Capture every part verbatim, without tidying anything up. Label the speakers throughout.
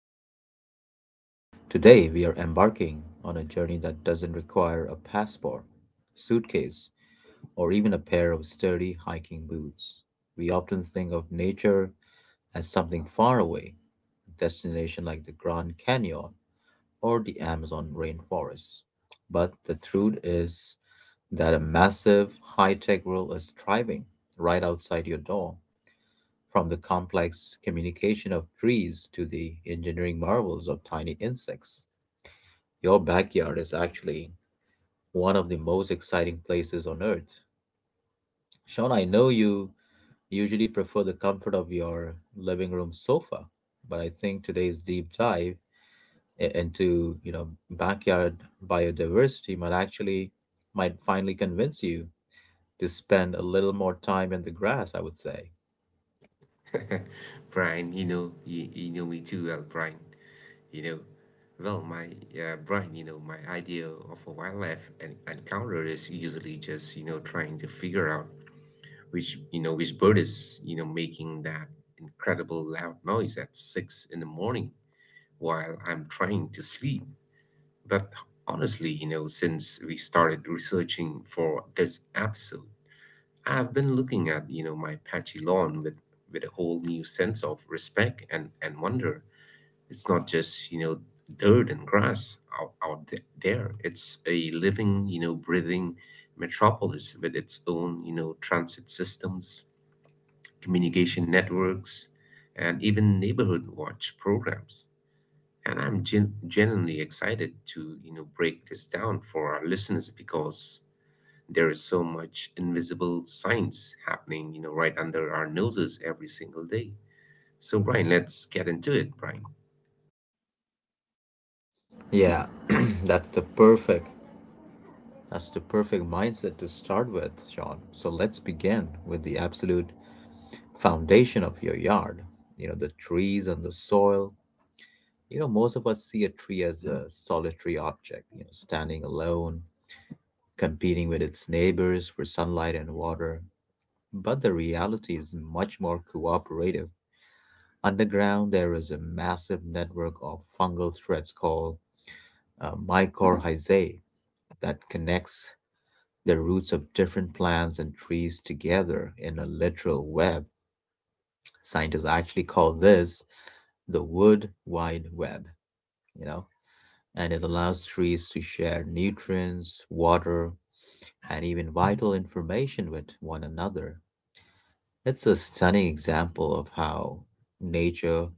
Speaker 1: your host, Brian. Today, we are embarking on a journey that doesn't require a passport, suitcase, or even a pair of sturdy hiking boots. We often think of nature as something far away, a destination like the Grand Canyon or the Amazon rainforest. But the truth is that a massive high tech world is thriving right outside your door from the complex communication of trees to the engineering marvels of tiny insects. Your backyard is actually one of the most exciting places on earth. Sean, I know you usually prefer the comfort of your living room sofa, but I think today's deep dive i- into, you know, backyard biodiversity might actually might finally convince you to spend a little more time in the grass, I would say.
Speaker 2: Brian, you know, you, you know me too well, Brian. You know, well, my uh, Brian, you know, my idea of a wildlife en- encounter is usually just you know trying to figure out which you know which bird is you know making that incredible loud noise at six in the morning while I'm trying to sleep. But honestly, you know, since we started researching for this episode, I've been looking at, you know, my patchy lawn with with a whole new sense of respect and and wonder. It's not just, you know, dirt and grass out, out th- there. It's a living, you know, breathing metropolis with its own, you know, transit systems, communication networks, and even neighborhood watch programs. And I'm gen- genuinely excited to, you know, break this down for our listeners because there is so much invisible science happening, you know, right under our noses every single day. So, Brian, let's get into it, Brian.
Speaker 1: Yeah, that's the perfect that's the perfect mindset to start with, Sean. So let's begin with the absolute foundation of your yard. You know, the trees and the soil. You know, most of us see a tree as a solitary object, you know, standing alone, competing with its neighbors for sunlight and water. But the reality is much more cooperative. Underground, there is a massive network of fungal threads called uh, mycorrhizae that connects the roots of different plants and trees together in a literal web. Scientists actually call this the wood wide web, you know, and it allows trees to share nutrients, water, and even vital information with one another. It's a stunning example of how nature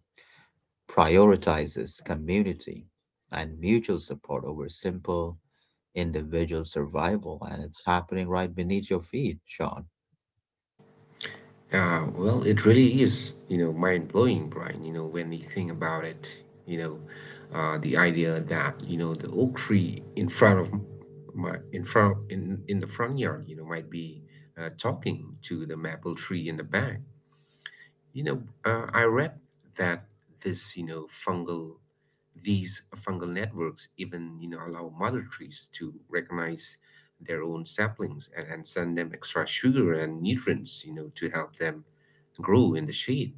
Speaker 1: prioritizes community and mutual support over simple individual survival. And it's happening right beneath your feet, Sean.
Speaker 2: Uh, well, it really is, you know, mind blowing, Brian, you know, when you think about it, you know, uh, the idea that, you know, the oak tree in front of my, in front, in, in the front yard, you know, might be uh, talking to the maple tree in the back. You know, uh, I read that this, you know, fungal, these fungal networks even, you know, allow mother trees to recognize their own saplings and, and send them extra sugar and nutrients, you know, to help them grow in the shade.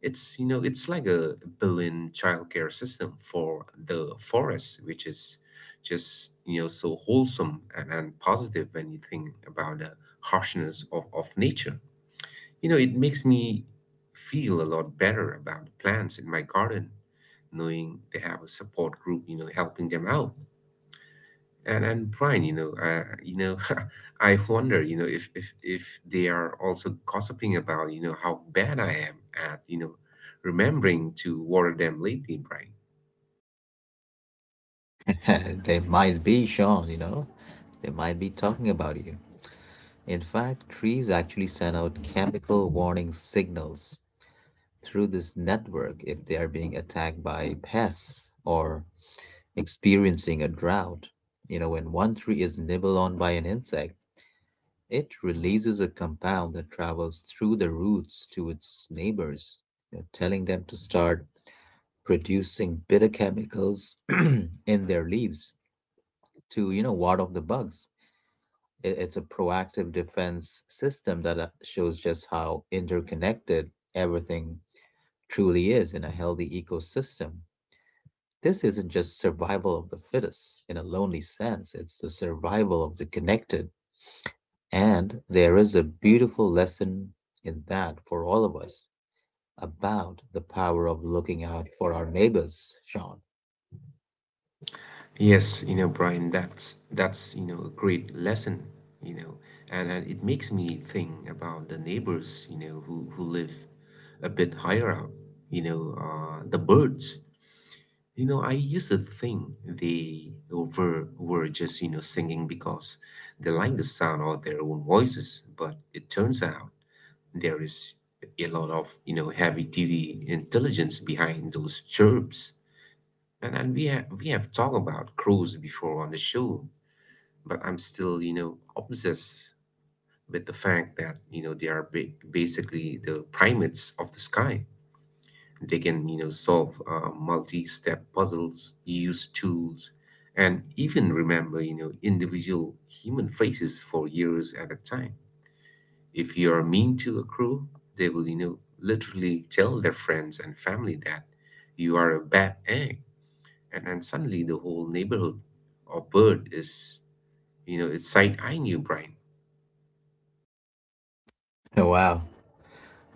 Speaker 2: It's, you know, it's like a billion childcare system for the forest, which is just, you know, so wholesome and, and positive when you think about the harshness of, of nature. You know, it makes me feel a lot better about the plants in my garden, knowing they have a support group, you know, helping them out. And and Brian, you know, uh, you know, I wonder, you know, if if if they are also gossiping about, you know, how bad I am at, you know, remembering to water them lately, Brian.
Speaker 1: They might be, Sean, you know, they might be talking about you. In fact, trees actually send out chemical warning signals through this network if they are being attacked by pests or experiencing a drought. You know, when one tree is nibbled on by an insect, it releases a compound that travels through the roots to its neighbors, you know, telling them to start producing bitter chemicals in their leaves to, you know, ward off the bugs. I- It's a proactive defense system that uh, shows just how interconnected everything truly is in a healthy ecosystem. This isn't just survival of the fittest in a lonely sense, it's the survival of the connected. And there is a beautiful lesson in that for all of us about the power of looking out for our neighbors, Sean.
Speaker 2: Yes, you know, Brian, that's that's you know a great lesson, you know, and, and it makes me think about the neighbors, you know, who who live a bit higher up, you know, uh, the birds. You know, I used to think they were, were just, you know, singing because they like the sound of their own voices, but it turns out there is a lot of, you know, heavy duty intelligence behind those chirps. And, and we, have, we have talked about crows before on the show, but I'm still, you know, obsessed with the fact that, you know, they are ba- basically the primates of the sky. They can, you know, solve uh, multi-step puzzles, use tools, and even remember, you know, individual human faces for years at a time. If you are mean to a crew, they will, you know, literally tell their friends and family that you are a bad egg, and then suddenly the whole neighborhood or bird is, you know, is side eyeing you, Brian.
Speaker 1: Wow,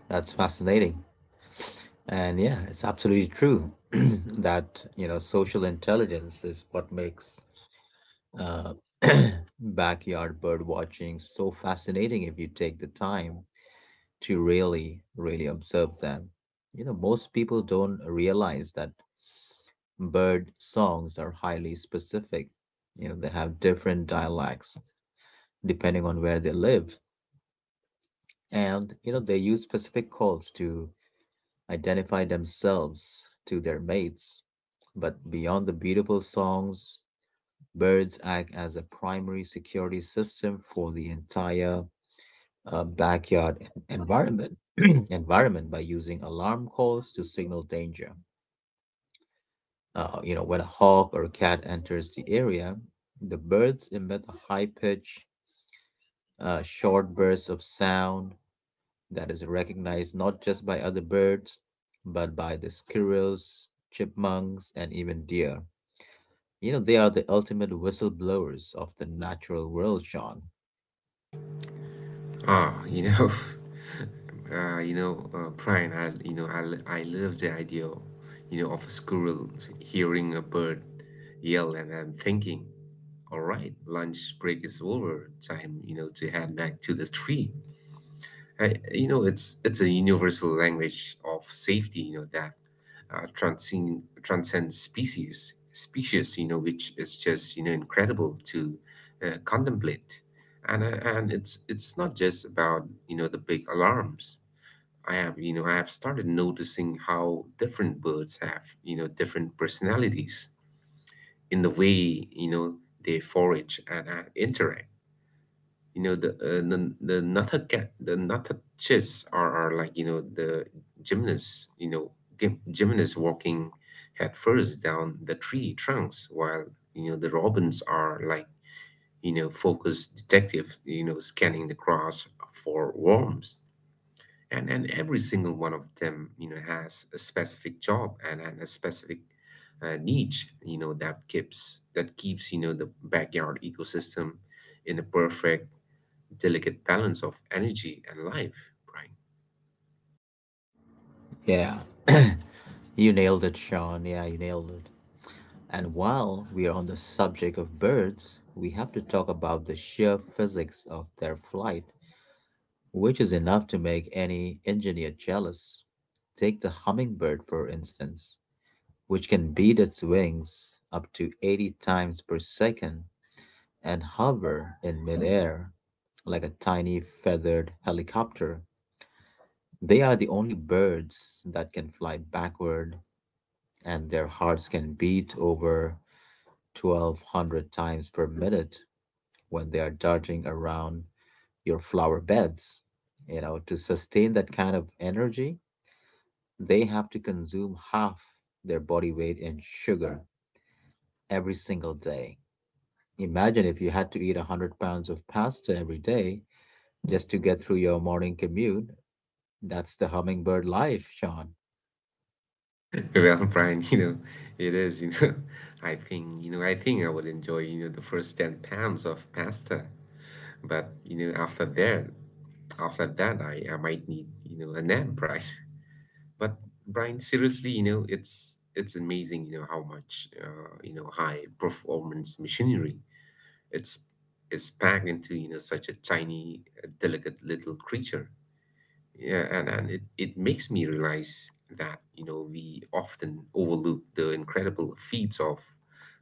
Speaker 1: that's fascinating. And yeah, it's absolutely true that, you know, social intelligence is what makes uh, backyard bird watching so fascinating if you take the time to really, really observe them. You know, most people don't realize that bird songs are highly specific. You know, they have different dialects depending on where they live. And, you know, they use specific calls to identify themselves to their mates. But beyond the beautiful songs, birds act as a primary security system for the entire uh, backyard en- environment environment by using alarm calls to signal danger. Uh, you know, when a hawk or a cat enters the area, the birds emit a high pitch, uh, short burst of sound that is recognized not just by other birds, but by the squirrels, chipmunks, and even deer. You know, they are the ultimate whistleblowers of the natural world, Sean.
Speaker 2: Ah, you know, uh, you know, uh, Brian, I, you know, I, I love the idea, you know, of a squirrel hearing a bird yell, and I'm thinking, all right, lunch break is over, time, you know, to head back to the tree. I, you know, it's it's a universal language of safety. You know that uh, transcend transcends species species. You know, which is just you know incredible to uh, contemplate, and uh, and it's it's not just about you know the big alarms. I have you know I have started noticing how different birds have you know different personalities in the way you know they forage and uh, interact. You know the uh, the the Nata cat the natachis are are like you know the gymnasts, you know gym, gymnasts walking head first down the tree trunks while you know the robins are like you know focused detective you know scanning the grass for worms and and every single one of them you know has a specific job and, and a specific uh, niche you know that keeps that keeps you know the backyard ecosystem in a perfect delicate balance of energy and life, Brian.
Speaker 1: Yeah. you nailed it, Sean. Yeah, you nailed it. And while we are on the subject of birds, we have to talk about the sheer physics of their flight, which is enough to make any engineer jealous. Take the hummingbird, for instance, which can beat its wings up to eighty times per second and hover in midair like a tiny feathered helicopter. They are the only birds that can fly backward, and their hearts can beat over twelve hundred times per minute when they are darting around your flower beds. You know, to sustain that kind of energy, they have to consume half their body weight in sugar every single day. Imagine if you had to eat one hundred pounds of pasta every day just to get through your morning commute. That's the hummingbird life, Sean.
Speaker 2: Well, Brian, you know, it is, you know, I think, you know, I think I would enjoy, you know, the first ten pounds of pasta. But, you know, after that, after that, I, I might need, you know, a nap, Brian. But Brian, seriously, you know, it's it's amazing, you know, how much, uh, you know, high performance machinery it's is packed into, you know, such a tiny, uh, delicate little creature. Yeah, and, and it, it makes me realize that, you know, we often overlook the incredible feats of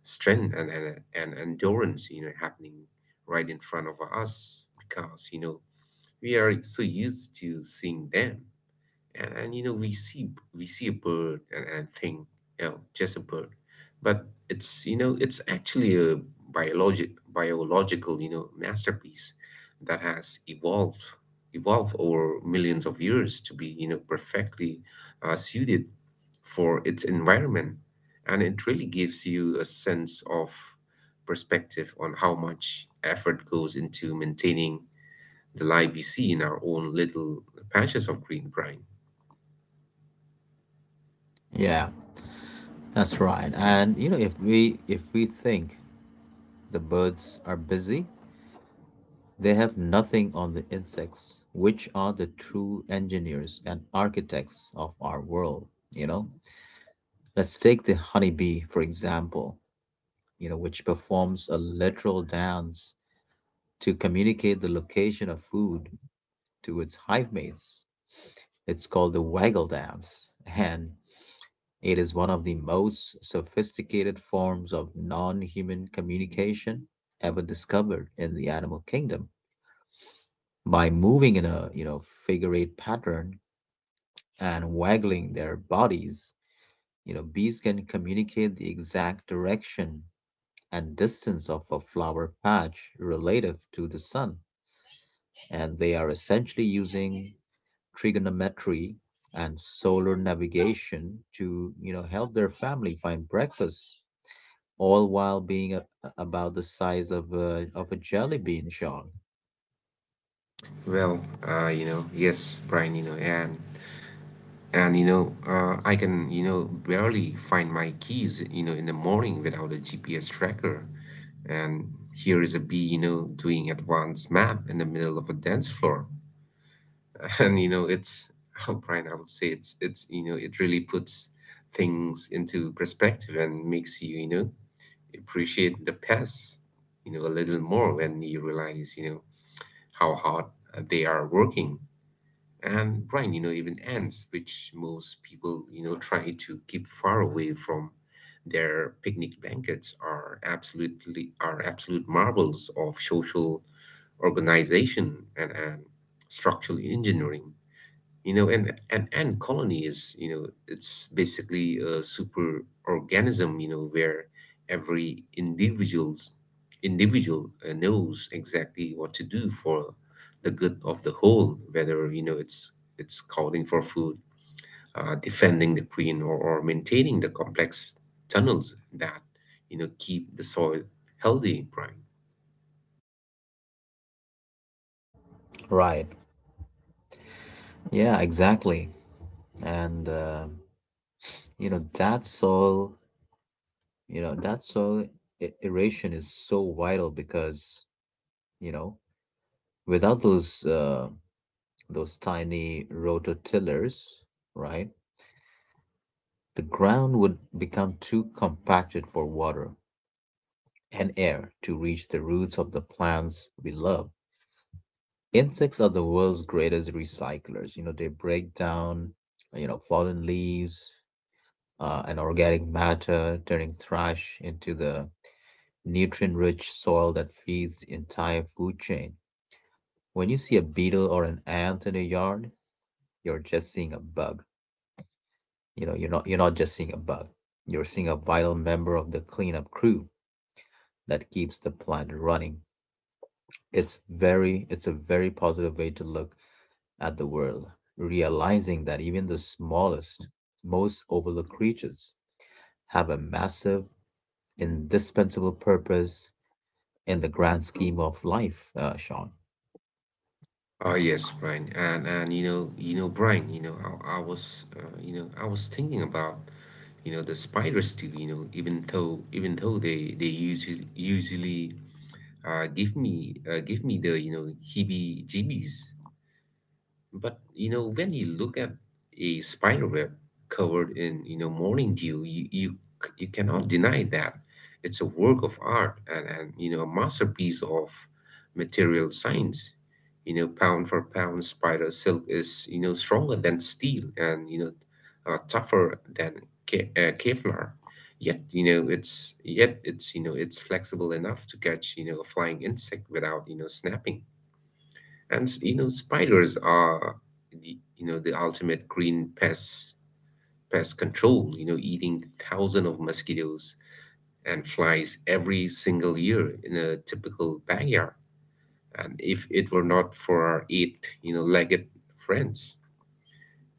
Speaker 2: strength and, and, and endurance, you know, happening right in front of us because, you know, we are so used to seeing them and, and you know we see we see a bird and, and think you know just a bird, but it's you know it's actually a biologic biological you know masterpiece that has evolved evolved over millions of years to be you know perfectly uh, suited for its environment, and it really gives you a sense of perspective on how much effort goes into maintaining the life we see in our own little patches of green, brine.
Speaker 1: Yeah, that's right. And you know, if we if we think the birds are busy, they have nothing on the insects, which are the true engineers and architects of our world, you know? Let's take the honeybee, for example, you know, which performs a literal dance to communicate the location of food to its hive mates. It's called the waggle dance, and it is one of the most sophisticated forms of non human communication ever discovered in the animal kingdom by moving in a you know figure eight pattern and waggling their bodies, you know, bees can communicate the exact direction and distance of a flower patch relative to the sun. And they are essentially using trigonometry and solar navigation to, you know, help their family find breakfast, all while being a, a- about the size of a, of a jelly bean, Sean.
Speaker 2: Well, uh, you know, yes, Brian, you know, and and you know, uh, I can, you know, barely find my keys, you know, in the morning without a G P S tracker. And here is a bee, you know, doing advanced map in the middle of a dance floor. And you know, it's, oh, Brian, I would say it's it's, you know, it really puts things into perspective and makes you, you know, appreciate the past, you know, a little more when you realize, you know how hard uh, they are working. And Brian, you know, even ants, which most people, you know, try to keep far away from their picnic blankets, are absolutely are absolute marvels of social organization and, and structural engineering. You know, and an ant colony is, you know, it's basically a super organism, you know, where every individual's individual uh, knows exactly what to do for the good of the whole, whether, you know, it's it's calling for food, uh, defending the queen, or, or maintaining the complex tunnels that, you know, keep the soil healthy, Brian.
Speaker 1: Right. Yeah, exactly. And, uh, you know, that's all you know, that soil e- aeration is so vital because, you know, without those uh, those tiny rototillers, right, the ground would become too compacted for water and air to reach the roots of the plants we love. Insects are the world's greatest recyclers. You know, they break down, you know, fallen leaves uh, and organic matter, turning trash into the nutrient-rich soil that feeds the entire food chain. When you see a beetle or an ant in a yard, you're just seeing a bug. You know, you're not you're not just seeing a bug. You're seeing a vital member of the cleanup crew that keeps the plant running. It's very it's a very positive way to look at the world, realizing that even the smallest, most overlooked creatures have a massive, indispensable purpose in the grand scheme of life, uh, Sean.
Speaker 2: Oh yes, Brian, and and you know, you know, Brian, you know, I, I was, uh, you know, I was thinking about you know the spiders too, you know even though even though they they usually usually uh give me uh, give me the you know heebie jeebies, but you know, when you look at a spider web covered in you know morning dew, you you, c- you cannot deny that it's a work of art and and you know a masterpiece of material science. You know, pound for pound, spider silk is you know stronger than steel and you know uh, tougher than Ke- uh, Kevlar. Yet you know it's yet it's you know it's flexible enough to catch you know a flying insect without you know snapping, and you know spiders are the you know the ultimate green pest pest control, you know eating thousands of mosquitoes and flies every single year in a typical backyard. And if it were not for our eight, you know legged friends,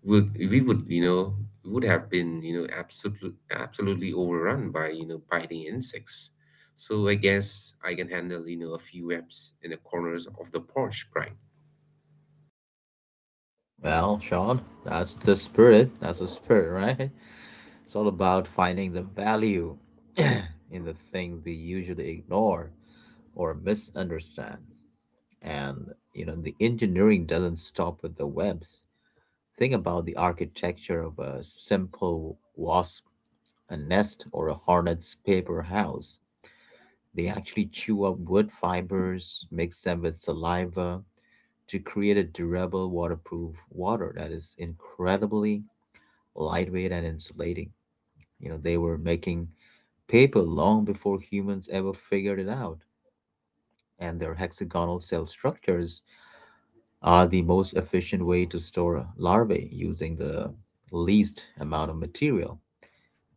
Speaker 2: would we would you know would have been you know absolutely absolutely overrun by you know biting insects. So I guess I can handle you know a few webs in the corners of the porch, right?
Speaker 1: Well, Sean, that's the spirit. That's the spirit, right? It's all about finding the value in the things we usually ignore or misunderstand. And you know, the engineering doesn't stop with the webs. Think about the architecture of a simple wasp, a nest, or a hornet's paper house. They actually chew up wood fibers, mix them with saliva to create a durable, waterproof water that is incredibly lightweight and insulating. You know, they were making paper long before humans ever figured it out, and their hexagonal cell structures are the most efficient way to store larvae using the least amount of material.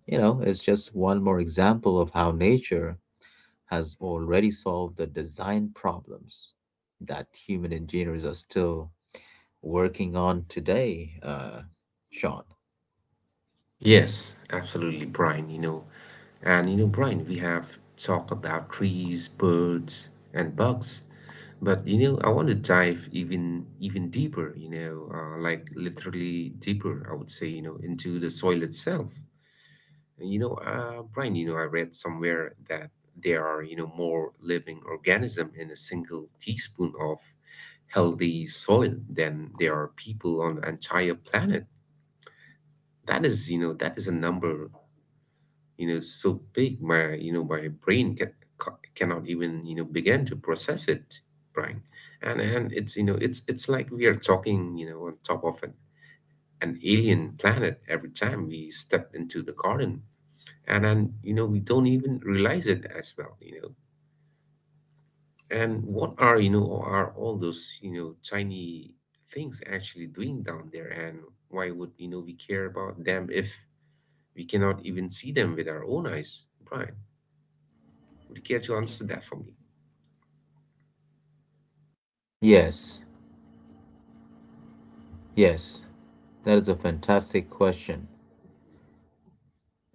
Speaker 1: You know, it's just one more example of how nature has already solved the design problems that human engineers are still working on today, uh, Sean.
Speaker 2: Yes, absolutely, Brian. You know, and you know, Brian, we have talked about trees, birds, and bugs, but you know, I want to dive even even deeper. You know, uh, like literally deeper. I would say, you know, into the soil itself. And you know, uh, Brian, you know, I read somewhere that there are you know more living organism in a single teaspoon of healthy soil than there are people on the entire planet. That is, you know, that is a number you know so big my you know my brain can, ca- cannot even you know begin to process it, Brian. and and it's you know it's it's like we are talking you know on top of an, an alien planet every time we step into the garden. And then you know we don't even realize it as well, you know and what are you know are all those you know tiny things actually doing down there? And why would you know we care about them if we cannot even see them with our own eyes, Brian? Would you care to answer that for me?
Speaker 1: Yes, yes, that is a fantastic question.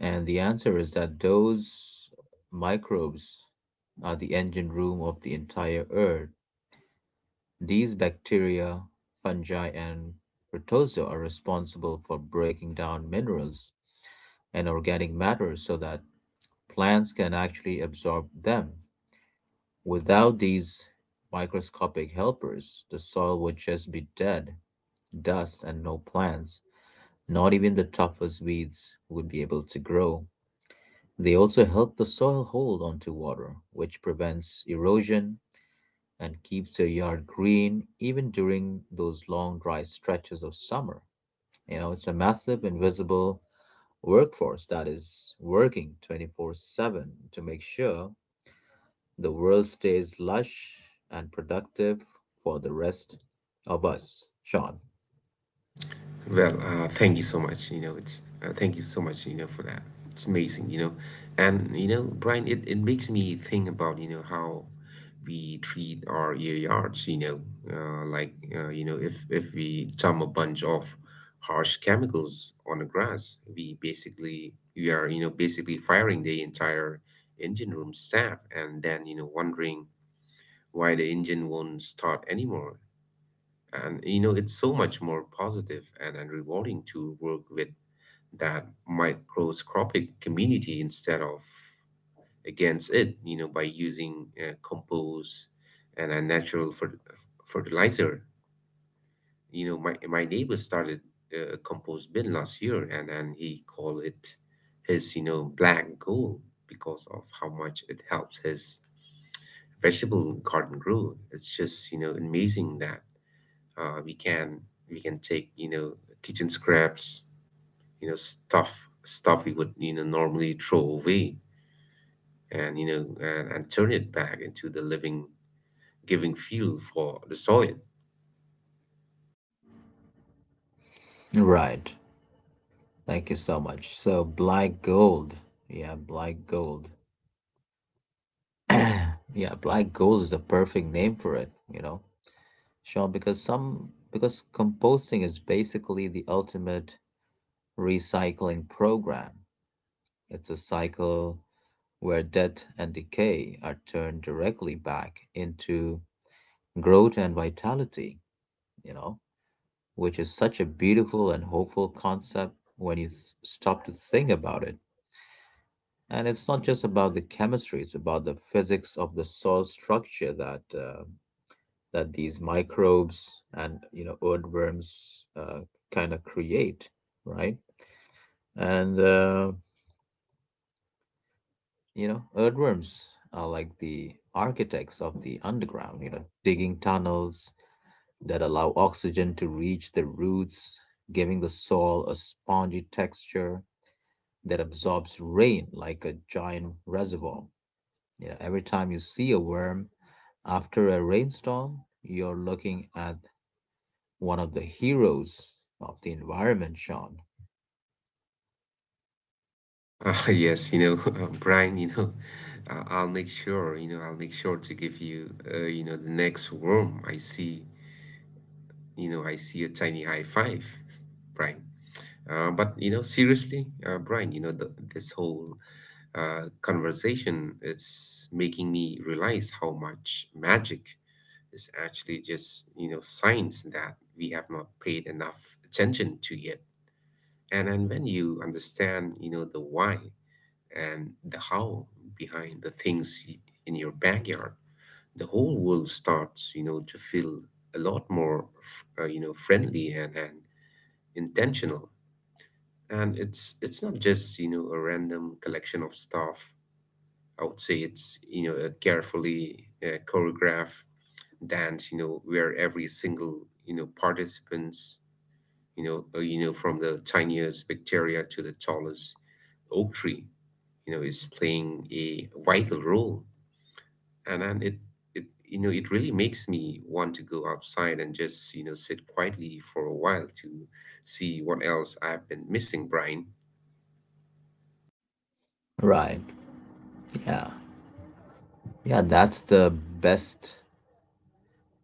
Speaker 1: And the answer is that those microbes are the engine room of the entire earth. These bacteria, fungi, and protozoa are responsible for breaking down minerals and organic matter so that plants can actually absorb them. Without these microscopic helpers, the soil would just be dead, dust, and no plants. Not even the toughest weeds would be able to grow. They also help the soil hold onto water, which prevents erosion and keeps your yard green even during those long dry stretches of summer. You know, it's a massive invisible workforce that is working twenty-four seven to make sure the world stays lush and productive for the rest of us, Sean.
Speaker 2: Well, uh, thank you so much. You know, it's uh, thank you so much. You know, for that. It's amazing. You know, and you know, Brian, it, it makes me think about you know how we treat our ear yards. You know, uh, like uh, you know, if if we dump a bunch of harsh chemicals on the grass, we basically we are you know basically firing the entire engine room staff, and then you know wondering why the engine won't start anymore. And you know, it's so much more positive and, and rewarding to work with that microscopic community instead of against it, you know, by using uh, compost and a natural fer- fertilizer. You know, my, my neighbor started uh, a compost bin last year and, and he called it his, you know, black gold because of how much it helps his vegetable garden grow. It's just, you know, amazing that uh, we can we can take you know kitchen scraps you know stuff stuff we would you know normally throw away and you know and, and turn it back into the living giving fuel for the soil
Speaker 1: Right. Thank you so much. So black gold. Yeah, black gold. Yeah, black gold is the perfect name for it, you know. Sean, because some because composting is basically the ultimate recycling program. It's a cycle where death and decay are turned directly back into growth and vitality, you know, which is such a beautiful and hopeful concept when you th- stop to think about it. And it's not just about the chemistry, it's about the physics of the soil structure that uh, that these microbes and you know earthworms uh, kind of create, right? And uh, you know earthworms are like the architects of the underground, you know, digging tunnels that allow oxygen to reach the roots, giving the soil a spongy texture that absorbs rain like a giant reservoir. You know, every time you see a worm after a rainstorm, you're looking at one of the heroes of the environment, Sean.
Speaker 2: uh, Yes, you know uh, Brian, you know I- I'll make sure you know I'll make sure to give you uh, you know the next worm I see. you know I see a tiny high five. Brian, uh, but you know seriously, uh, Brian, you know the, this whole uh, conversation, it's making me realize how much magic is actually just, you know, signs that we have not paid enough attention to yet. And and when you understand, you know, the why and the how behind the things y- in your backyard, the whole world starts, you know, to feel a lot more, f- uh, you know, friendly and, and intentional. And it's it's not just, you know, a random collection of stuff. I would say it's you know a carefully uh, choreographed dance, you know, where every single you know participants, you know, uh, you know from the tiniest bacteria to the tallest oak tree, you know, is playing a vital role, and and it it you know it really makes me want to go outside and just you know sit quietly for a while to see what else I've been missing, Brian.
Speaker 1: Right. Yeah. Yeah, that's the best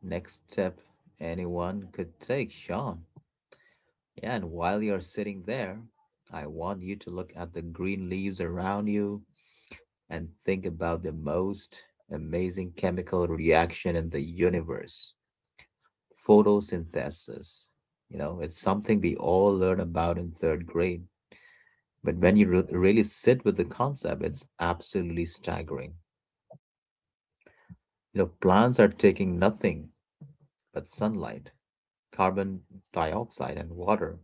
Speaker 1: next step anyone could take, Sean. Yeah, and while you're sitting there, I want you to look at the green leaves around you and think about the most amazing chemical reaction in the universe. Photosynthesis. You know, it's something we all learn about in third grade. But when you re- really sit with the concept, it's absolutely staggering. You know, plants are taking nothing but sunlight, carbon dioxide, and water,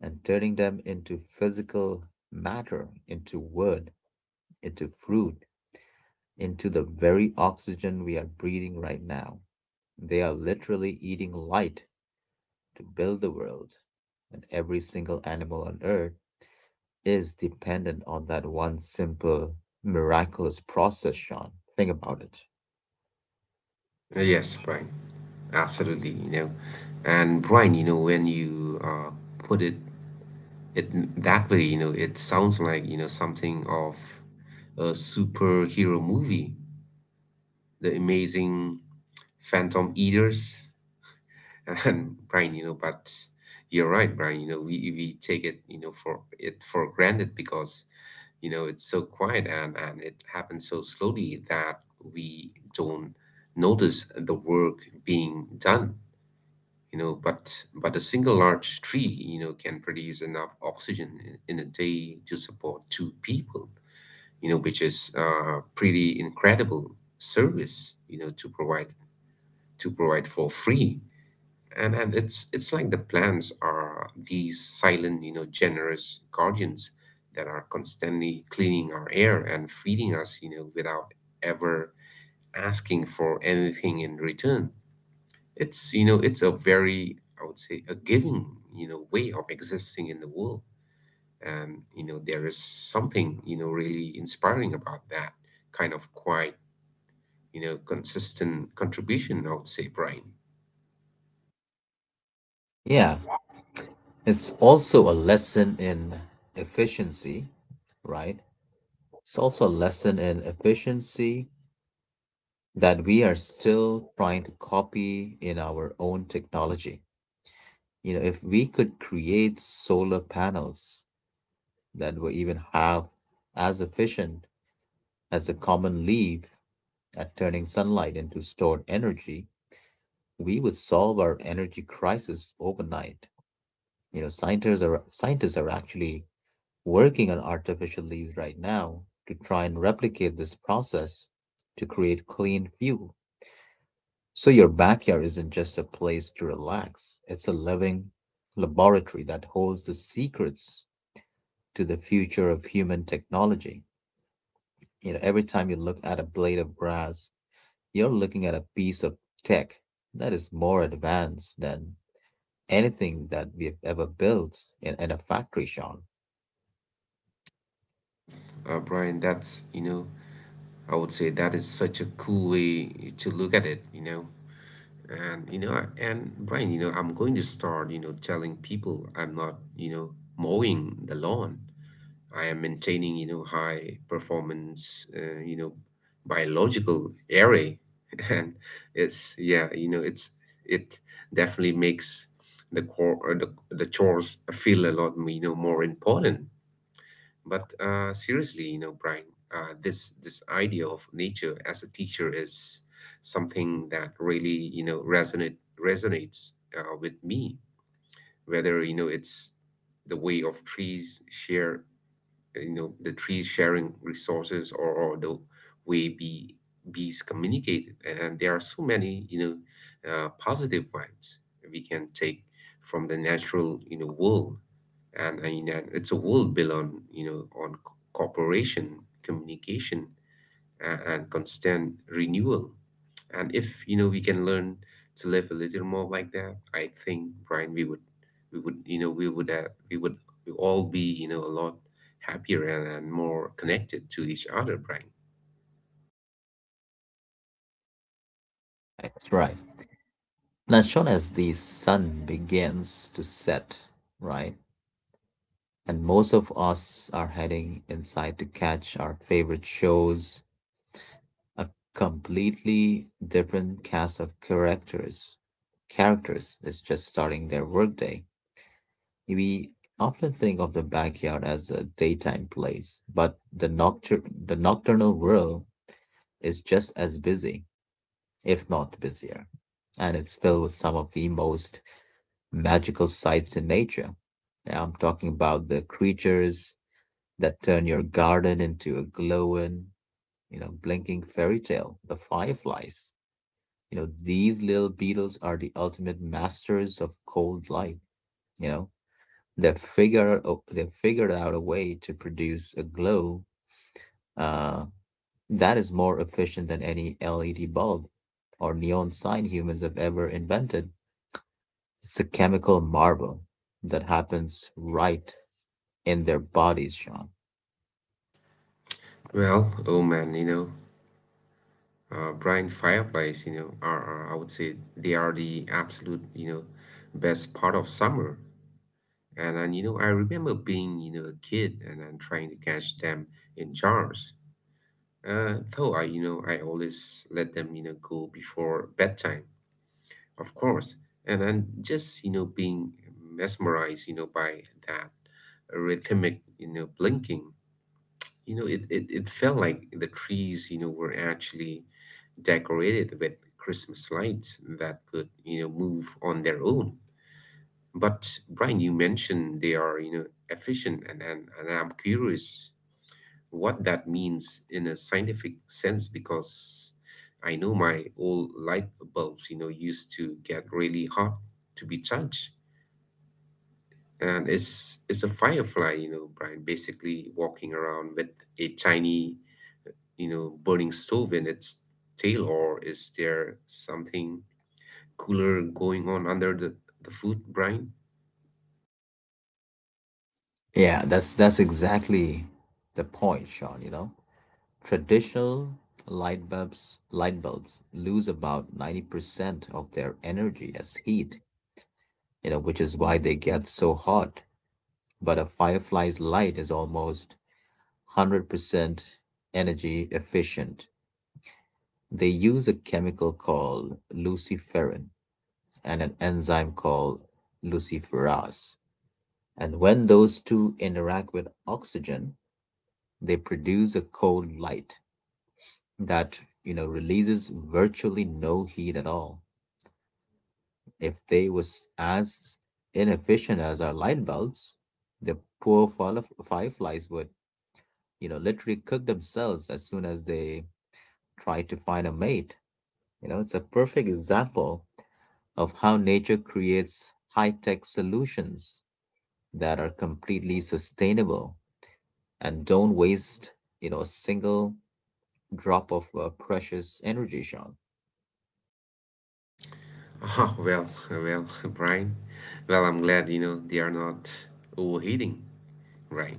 Speaker 1: and turning them into physical matter, into wood, into fruit, into the very oxygen we are breathing right now. They are literally eating light to build the world and every single animal on earth is dependent on that one simple, miraculous process, Sean. Think about it.
Speaker 2: Uh, Yes, Brian. Absolutely, you know. And Brian, you know, when you uh, put it it that way, you know, it sounds like, you know, something of a superhero movie, The Amazing Phantom Eaters. And Brian, you know, but you're right, Brian, you know, we we take it, you know, for it for granted because, you know, it's so quiet and and it happens so slowly that we don't notice the work being done. you know but but a single large tree you know can produce enough oxygen in, in a day to support two people, you know which is uh, pretty incredible service, you know to provide to provide for free. And and it's it's like the plants are these silent, you know generous guardians that are constantly cleaning our air and feeding us, you know without ever asking for anything in return. It's you know it's a very, I would say, a giving, you know way of existing in the world, and you know there is something, you know really inspiring about that kind of quite, you know consistent contribution. I would say, Brian.
Speaker 1: Yeah, it's also a lesson in efficiency, right? It's also a lesson in efficiency that we are still trying to copy in our own technology. You know, if we could create solar panels that were even half as efficient as a common leaf at turning sunlight into stored energy, we would solve our energy crisis overnight. You know, scientists are scientists are actually working on artificial leaves right now to try and replicate this process to create clean fuel. So your backyard isn't just a place to relax; it's a living laboratory that holds the secrets to the future of human technology. You know, every time you look at a blade of grass, you're looking at a piece of tech that is more advanced than anything that we've ever built in, in a factory, Sean.
Speaker 2: Uh, Brian, that's you know I would say that is such a cool way to look at it. You know, and you know I- and Brian, you know I'm going to start you know telling people I'm not you know mowing the lawn. I am maintaining, you know, high performance, uh, you know, biological array, and it's yeah, you know, it's it definitely makes the core or the the chores feel a lot, you know, more important. But uh, seriously, you know, Brian, uh, this this idea of nature as a teacher is something that really, you know, resonate resonates uh, with me. Whether you know it's the way of trees share you know the trees sharing resources or, or the way bee, bees communicate and, there are so many you know uh, positive vibes we can take from the natural you know world and, I mean, and you know, it's a world built on you know on co- cooperation communication and, and constant renewal. And if you know we can learn to live a little more like that, I think Brian, we would, we would, you know, we would, uh, we would, we all be, you know, a lot happier and, and more connected to each other, Brian.
Speaker 1: Right? That's right. Now, Sean, as the sun begins to set, right, and most of us are heading inside to catch our favorite shows, a completely different cast of characters. Characters is just starting their workday. We often think of the backyard as a daytime place, but the noctur- the nocturnal world is just as busy if not busier. And it's filled with some of the most magical sights in nature. Now, I'm talking about the creatures that turn your garden into a glowing, you know, blinking fairy tale, the fireflies. You know, these little beetles are the ultimate masters of cold light, you know. They have figured they have figured out a way to produce a glow uh, that is more efficient than any L E D bulb or neon sign humans have ever invented. It's a chemical marvel that happens right in their bodies, Sean.
Speaker 2: Well, oh man, you know, uh, Brian, fireflies, you know, are, are I would say they are the absolute, you know, best part of summer. And and you know, I remember being, you know, a kid and, and trying to catch them in jars. Uh, though I, you know, I always let them, you know, go before bedtime, of course. And I'm just, you know, being mesmerized, you know, by that rhythmic, you know, blinking. You know, it, it, it felt like the trees, you know, were actually decorated with Christmas lights that could, you know, move on their own. But Brian, you mentioned they are, you know, efficient and, and, and I'm curious what that means in a scientific sense because I know my old light bulbs, you know, used to get really hot to be charged. And it's it's a firefly, you know, Brian, basically walking around with a tiny, you know, burning stove in its tail, or is there something cooler going on under the, the food, Brian?
Speaker 1: Yeah, that's that's exactly the point, Sean, you know. Traditional light bulbs light bulbs lose about ninety percent of their energy as heat, you know, which is why they get so hot. But a firefly's light is almost one hundred percent energy efficient. They use a chemical called luciferin and an enzyme called luciferase. And when those two interact with oxygen, they produce a cold light that, you know, releases virtually no heat at all. If they was as inefficient as our light bulbs, the poor fire- fireflies would, you know, literally cook themselves as soon as they try to find a mate. You know, it's a perfect example of how nature creates high tech solutions that are completely sustainable and don't waste, you know, a single drop of uh, precious energy, Sean.
Speaker 2: Ah, well, well, Brian. Well, I'm glad, you know, they are not overheating, right?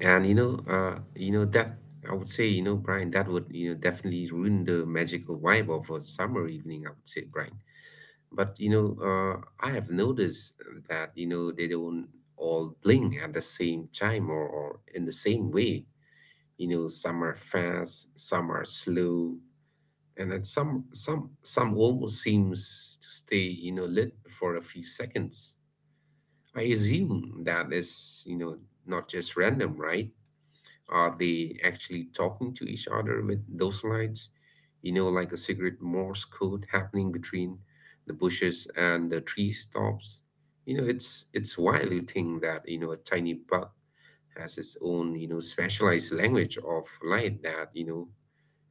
Speaker 2: And you know, uh, you know that I would say, you know, Brian, that would you know definitely ruin the magical vibe of a summer evening. I would say, Brian. But you know, uh, I have noticed that you know they don't all bling at the same time or, or in the same way. You know, some are fast, some are slow, and then some some some almost seems to stay you know lit for a few seconds. I assume that is you know not just random, right? Are they actually talking to each other with those lights? You know, like a secret Morse code happening between the bushes and the tree tops. You know, it's it's wild to think that you know a tiny bug has its own you know specialized language of light that you know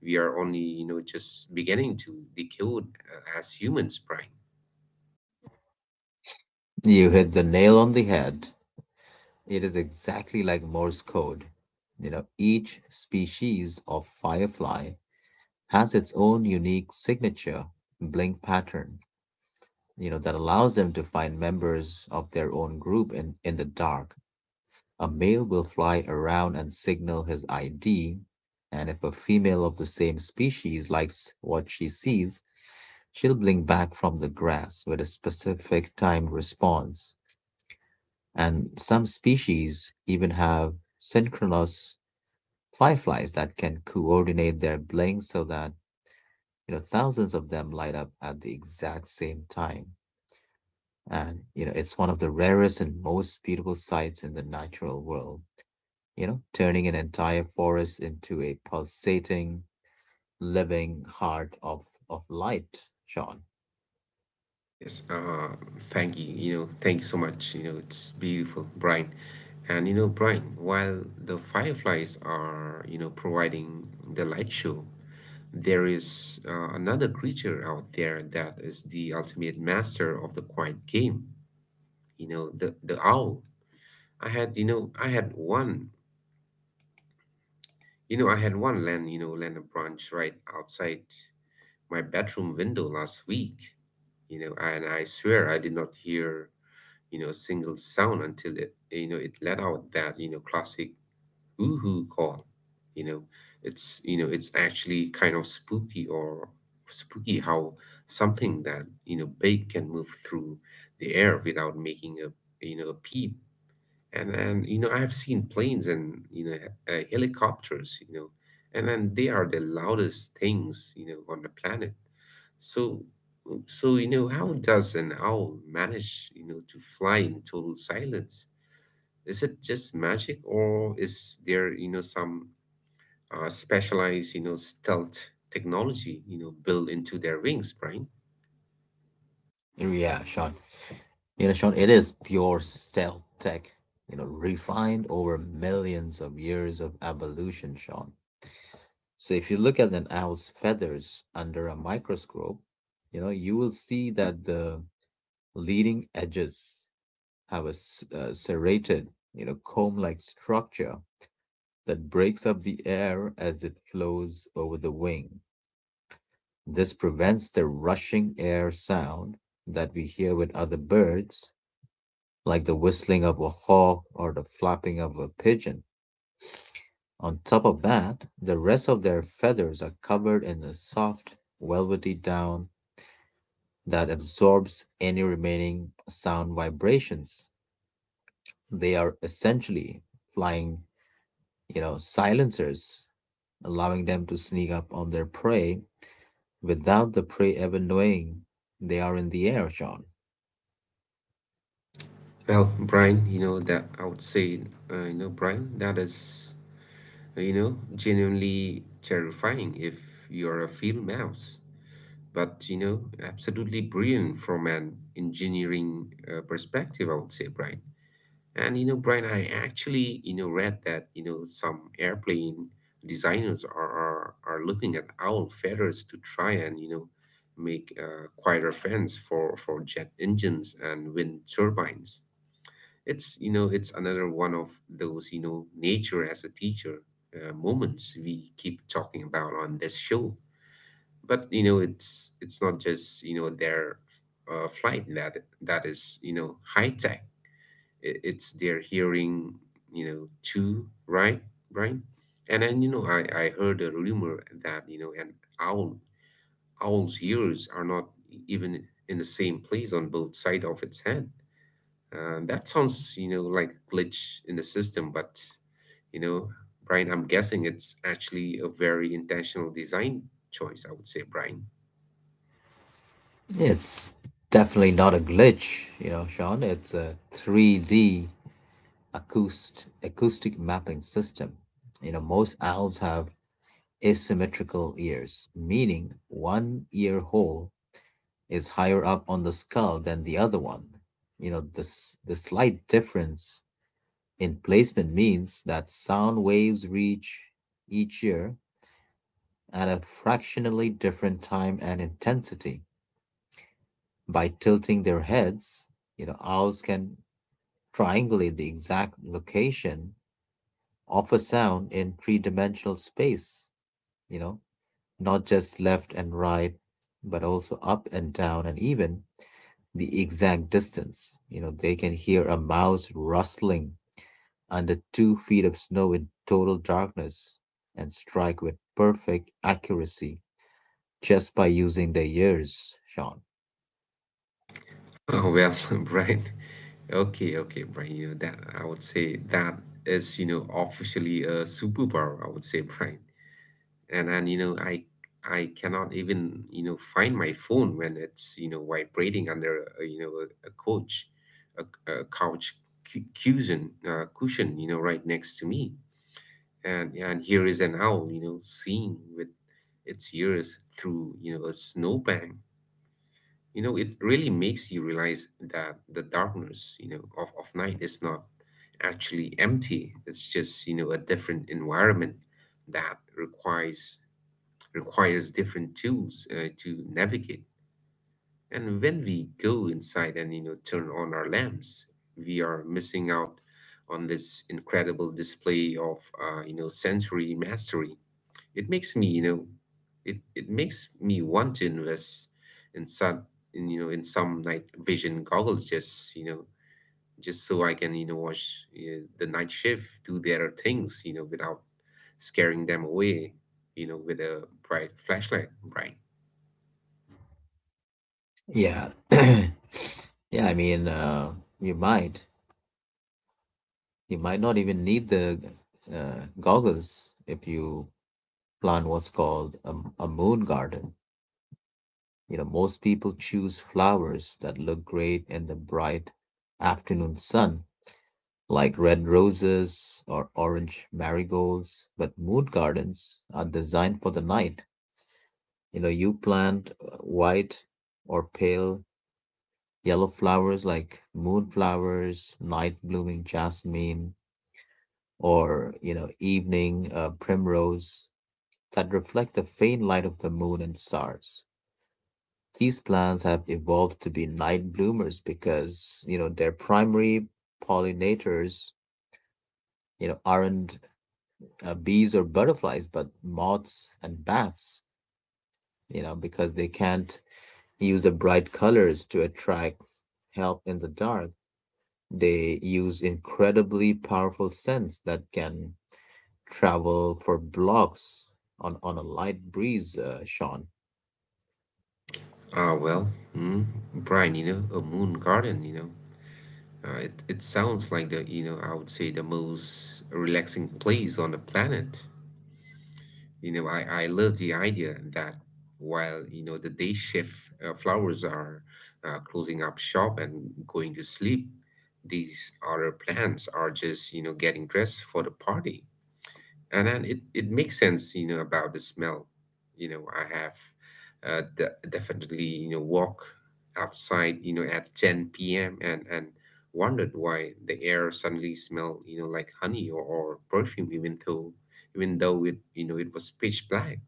Speaker 2: we are only you know just beginning to decode uh, as humans, Brian.
Speaker 1: You hit the nail on the head. It is exactly like Morse code. You know, each species of firefly has its own unique signature blink pattern, you know, that allows them to find members of their own group in, in the dark. A male will fly around and signal his I D, and if a female of the same species likes what she sees, she'll blink back from the grass with a specific timed response. And some species even have synchronous fireflies that can coordinate their blinks so that you know thousands of them light up at the exact same time. And you know, it's one of the rarest and most beautiful sights in the natural world, you know, turning an entire forest into a pulsating, living heart of, of light, Sean.
Speaker 2: Yes, uh, thank you. You know, thank you so much. You know, it's beautiful, Brian. And you know, Brian, while the fireflies are, you know, providing the light show, there is uh, another creature out there that is the ultimate master of the quiet game. You know, the the owl. I had, you know, I had one. You know, I had one land, you know, land a branch right outside my bedroom window last week. You know, and I swear I did not hear you know, single sound until it, you know, it let out that, you know, classic woohoo call. You know, it's, you know, it's actually kind of spooky or spooky how something that, you know, big can move through the air without making a, you know, a peep, and and you know I've seen planes and you know uh, helicopters, you know, and then they are the loudest things you know on the planet. So so you know how does an owl manage you know to fly in total silence? Is it just magic, or is there you know some uh, specialized you know stealth technology you know built into their wings, Brian?
Speaker 1: Yeah, Sean. You know, Sean, it is pure stealth tech, you know, refined over millions of years of evolution, Sean. So if you look at an owl's feathers under a microscope, you know, you will see that the leading edges have a s- uh, serrated, you know, comb-like structure that breaks up the air as it flows over the wing. This prevents the rushing air sound that we hear with other birds, like the whistling of a hawk or the flapping of a pigeon. On top of that, the rest of their feathers are covered in a soft, velvety down that absorbs any remaining sound vibrations. They are essentially flying, you know, silencers, allowing them to sneak up on their prey without the prey ever knowing they are in the air, Sean.
Speaker 2: Well, Brian, you know that I would say, uh, you know, Brian, that is. You know, genuinely terrifying if you're a field mouse, but you know, absolutely brilliant from an engineering uh, perspective, I would say, Brian. And you know, Brian, I actually you know read that you know some airplane designers are are, are looking at owl feathers to try and you know make uh, quieter fans for for jet engines and wind turbines. It's you know it's another one of those you know nature as a teacher uh, moments we keep talking about on this show. But you know it's it's not just you know their uh, flight that that is you know high tech. I- It's their hearing you know too, right, Brian? And then you know I I heard a rumor that you know an owl owl's ears are not even in the same place on both side of its head. Uh, that sounds, you know, like glitch in the system, but you know, Brian, I'm guessing it's actually a very intentional design choice, I would say, Brian.
Speaker 1: It's definitely not a glitch, you know, Sean. It's a three D acoust- acoustic mapping system. You know, most owls have asymmetrical ears, meaning one ear hole is higher up on the skull than the other one. You know, this the slight difference in placement means that sound waves reach each ear at a fractionally different time and intensity. By tilting their heads, you know, owls can triangulate the exact location of a sound in three-dimensional space, you know, not just left and right, but also up and down and even the exact distance. You know, they can hear a mouse rustling under two feet of snow in total darkness and strike with perfect accuracy just by using their ears, Sean.
Speaker 2: Oh well, Brian. Okay, okay, Brian. You know that I would say that is, you know, officially a superpower, I would say, Brian. And and you know, I I cannot even, you know, find my phone when it's, you know, vibrating under a, you know, a, a couch, a, a couch cu- cushion, uh, cushion, you know, right next to me. and and here is an owl you know seeing with its ears through you know a snowbank. You know it really makes you realize that the darkness you know of, of night is not actually empty. It's just you know a different environment that requires requires different tools uh, to navigate. And when we go inside and you know turn on our lamps, we are missing out on this incredible display of uh, you know sensory mastery. It makes me, you know, it, it makes me want to invest in some in you know in some night vision goggles, just you know just so I can you know watch uh, the night shift do their things you know without scaring them away you know with a bright flashlight, Brian.
Speaker 1: Yeah. Yeah, I mean, uh, you might. You might not even need the uh, goggles if you plant what's called a, a moon garden. You know, most people choose flowers that look great in the bright afternoon sun, like red roses or orange marigolds. But moon gardens are designed for the night. You know, you plant uh, white or pale yellow flowers like moonflowers, night blooming jasmine, or you know, evening uh, primrose that reflect the faint light of the moon and stars. These plants have evolved to be night bloomers because you know their primary pollinators, you know, aren't uh, bees or butterflies, but moths and bats. You know, because they can't use the bright colors to attract help in the dark. They use incredibly powerful scents that can travel for blocks on, on a light breeze, uh, Sean.
Speaker 2: Ah, well, mm, Brian, you know a moon garden, you know uh, it, it sounds like the you know I would say the most relaxing place on the planet. You know, I, I love the idea that, while, you know, the day shift uh, flowers are uh, closing up shop and going to sleep, these other plants are just, you know, getting dressed for the party. And then it, it makes sense you know about the smell. You know i have uh, de- definitely you know walk outside you know at ten p m and and wondered why the air suddenly smelled you know like honey or, or perfume, even though even though it you know it was pitch black.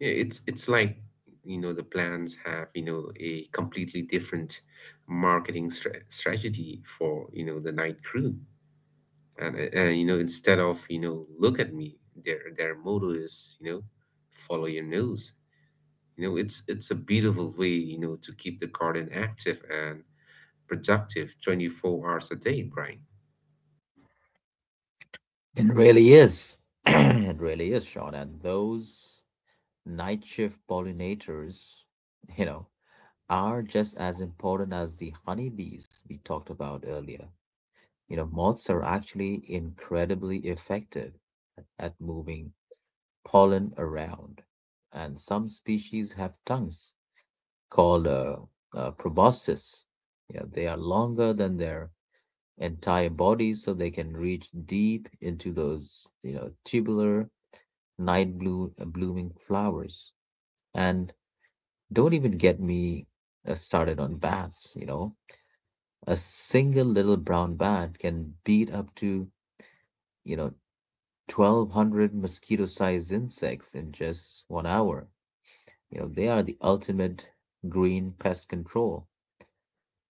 Speaker 2: Yeah, it's it's like you know the plants have you know a completely different marketing stra- strategy for you know the night crew. And, and you know instead of you know "look at me," their their motto is, you know follow your nose. You know it's it's a beautiful way you know to keep the garden active and productive twenty-four hours a day, Brian.
Speaker 1: It really is. It really is, Sean. And those night shift pollinators, you know, are just as important as the honeybees we talked about earlier. You know, moths are actually incredibly effective at, at moving pollen around, and some species have tongues called uh, uh, proboscis. Yeah, they are longer than their entire body, so they can reach deep into those, you know, tubular night blue uh, blooming flowers. And don't even get me uh, started on bats. You know, a single little brown bat can beat up to, you know, twelve hundred mosquito-sized insects in just one hour. You know, they are the ultimate green pest control,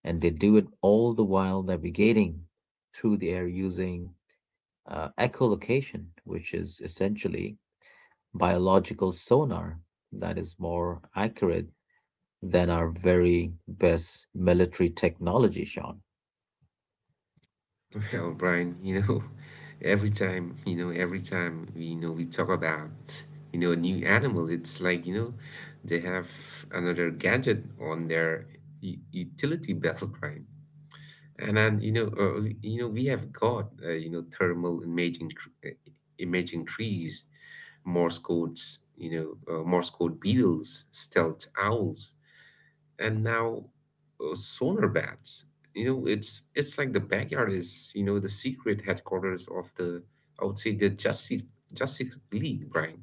Speaker 1: and they do it all the while navigating through the air using uh, echolocation, which is essentially biological sonar that is more accurate than our very best military technology, Sean.
Speaker 2: Well, Brian, you know every time you know every time we you know we talk about you know a new animal, it's like you know they have another gadget on their u- utility belt, Brian. And then, you know, uh, you know, we have got uh, you know thermal imaging tr uh, imaging trees, Morse codes, you know, uh, Morse code beetles, stealth owls, and now uh, sonar bats. You know, it's it's like the backyard is you know the secret headquarters of the I would say the Justice Justice League, Brian.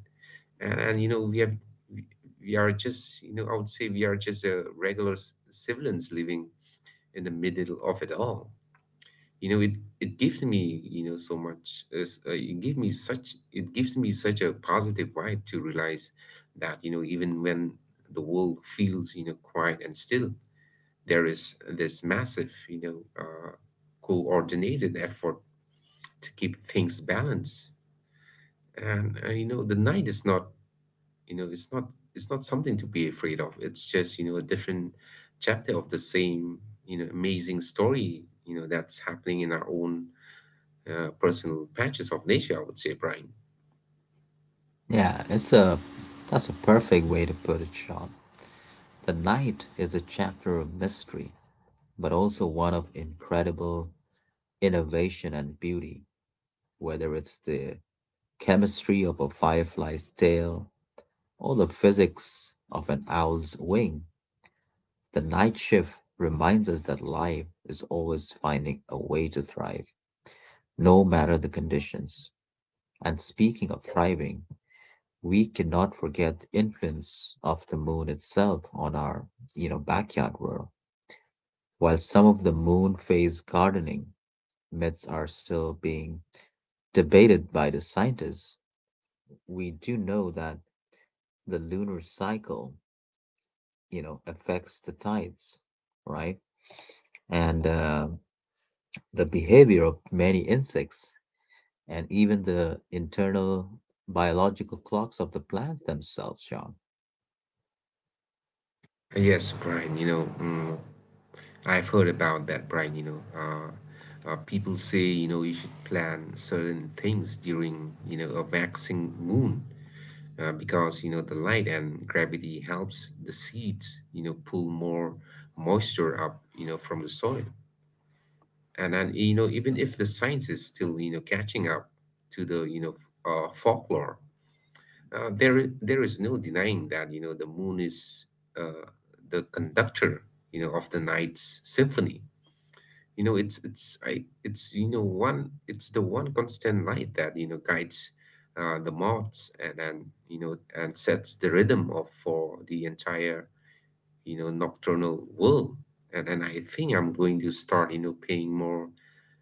Speaker 2: And and you know we have we we are just you know I would say we are just uh, regular c- civilians living in the middle of it all. You know it it gives me you know so much. It's, uh, it gave me such it gives me such a positive vibe to realize that you know even when the world feels you know quiet and still, there is this massive you know uh, coordinated effort to keep things balanced. And uh, you know the night is not you know it's not it's not something to be afraid of. It's just you know a different chapter of the same you know amazing story you know that's happening in our own uh, personal patches of nature, I would say, Brian.
Speaker 1: Yeah, it's a that's a perfect way to put it, Sean. The night is a chapter of mystery, but also one of incredible innovation and beauty, whether it's the chemistry of a firefly's tail or the physics of an owl's wing. The night shift reminds us that life is always finding a way to thrive, no matter the conditions. And speaking of thriving, we cannot forget the influence of the moon itself on our, you know, backyard world. While some of the moon phase gardening myths are still being debated by the scientists, we do know that the lunar cycle, you know, affects the tides, right? And uh, the behavior of many insects and even the internal biological clocks of the plants themselves, Sean.
Speaker 2: Yes, Brian, you know, mm, I've heard about that, Brian, you know. Uh, uh, people say, you know, you should plan certain things during, you know, a waxing moon uh, because, you know, the light and gravity helps the seeds, you know, pull more moisture up, you know, from the soil. and and you know even if the science is still you know catching up to the you know uh, folklore, uh, there i- there is no denying that you know the moon is, uh, the conductor you know of the night's symphony. you know it's it's I, it's you know one it's the one constant light that you know guides uh, the moths and and you know and sets the rhythm of for the entire you know nocturnal world. And and I think I'm going to start you know paying more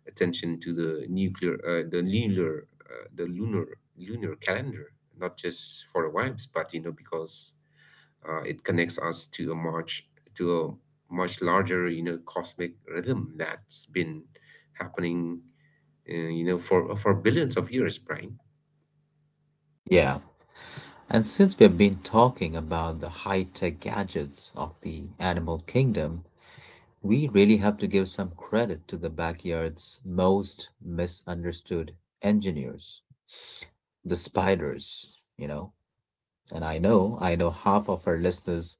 Speaker 2: attention to the nuclear, uh, the lunar, uh, the lunar lunar calendar, not just for the vibes, but you know because uh, it connects us to a much to a much larger you know cosmic rhythm that's been happening, uh, you know, for for billions of years, Brian.
Speaker 1: Yeah. And since we've been talking about the high tech gadgets of the animal kingdom, we really have to give some credit to the backyard's most misunderstood engineers, the spiders, you know. And I know, I know half of our listeners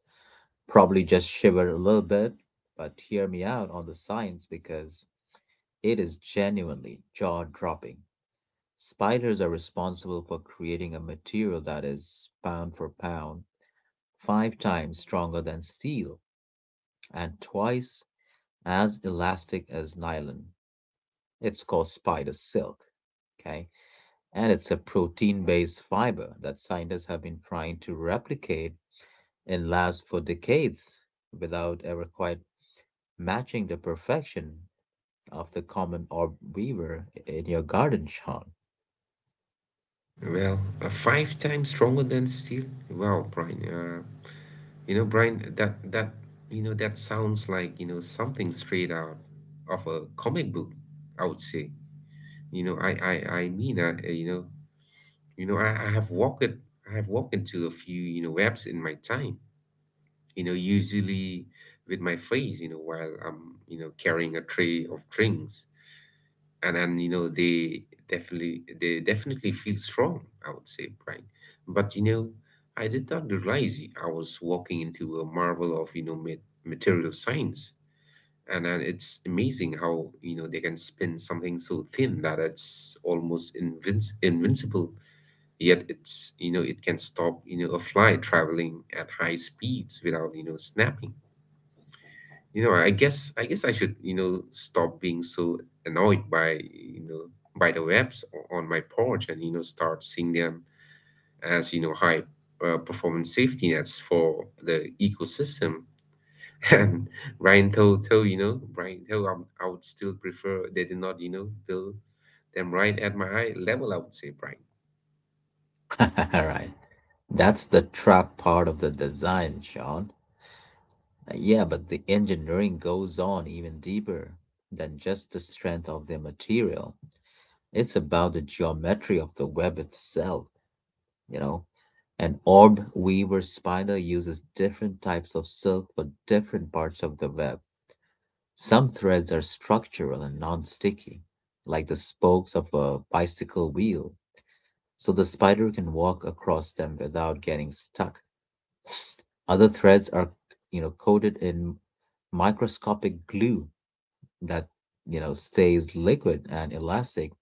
Speaker 1: probably just shiver a little bit, but hear me out on the science because it is genuinely jaw dropping. Spiders are responsible for creating a material that is, pound for pound, five times stronger than steel and twice as elastic as nylon. It's called spider silk, okay? And it's a protein based fiber that scientists have been trying to replicate in labs for decades without ever quite matching the perfection of the common orb weaver in your garden, Sean.
Speaker 2: Well, uh, five times stronger than steel. Wow, Brian. Uh, You know, Brian, that that you know that sounds like you know something straight out of a comic book, I would say. You know, I I I mean, I uh, you know, you know, I, I have walked I have walked into a few you know webs in my time. You know, usually with my face. You know, while I'm you know carrying a tray of drinks, and and you know they definitely they definitely feel strong, I would say, Brian. But you know I did not realize I was walking into a marvel of you know ma- material science. And and it's amazing how you know they can spin something so thin that it's almost invinc- invincible, yet it's you know it can stop you know a fly traveling at high speeds without you know snapping. you know, I guess I guess I should, you know, stop being so annoyed by, you know, by the webs o- on my porch, and, you know, start seeing them as, you know, high uh, performance safety nets for the ecosystem. And Brian told, told you know, Brian told um, I would still prefer they did not, you know, build them right at my eye level, I would say, Brian.
Speaker 1: All right. That's the trap part of the design, Sean. Uh, Yeah, but the engineering goes on even deeper than just the strength of the material. It's about the geometry of the web itself, you know. An orb weaver spider uses different types of silk for different parts of the web. Some threads are structural and non-sticky, like the spokes of a bicycle wheel, so the spider can walk across them without getting stuck. Other threads are, you know, coated in microscopic glue that, you know, stays liquid and elastic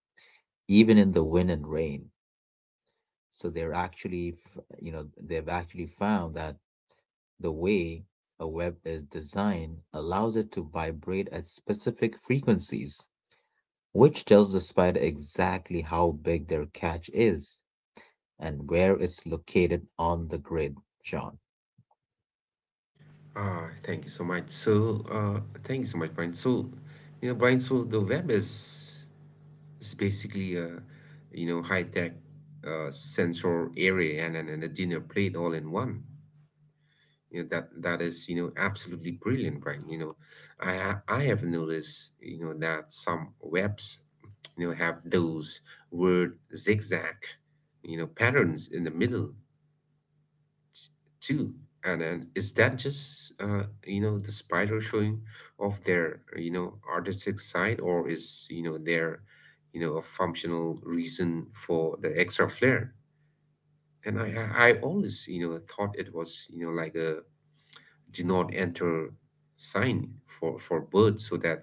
Speaker 1: even in the wind and rain. So they're actually, f- you know, they've actually found that the way a web is designed allows it to vibrate at specific frequencies which tells the spider exactly how big their catch is and where it's located on the grid, John.
Speaker 2: Ah, thank you so much. So, uh, thank you so much, Brian. So, you know, Brian, so the web is It's basically a, you know, high-tech uh, sensor array, and, and, and a dinner plate all in one. You know, that that is, you know, absolutely brilliant, right? You know, I ha- I have noticed, you know, that some webs, you know, have those weird zigzag, you know, patterns in the middle too. And and is that just uh, you know the spider showing off their you know artistic side, or is you know there you know a functional reason for the extra flair? And i i I always you know thought it was you know like a "do not enter" sign for for birds, so that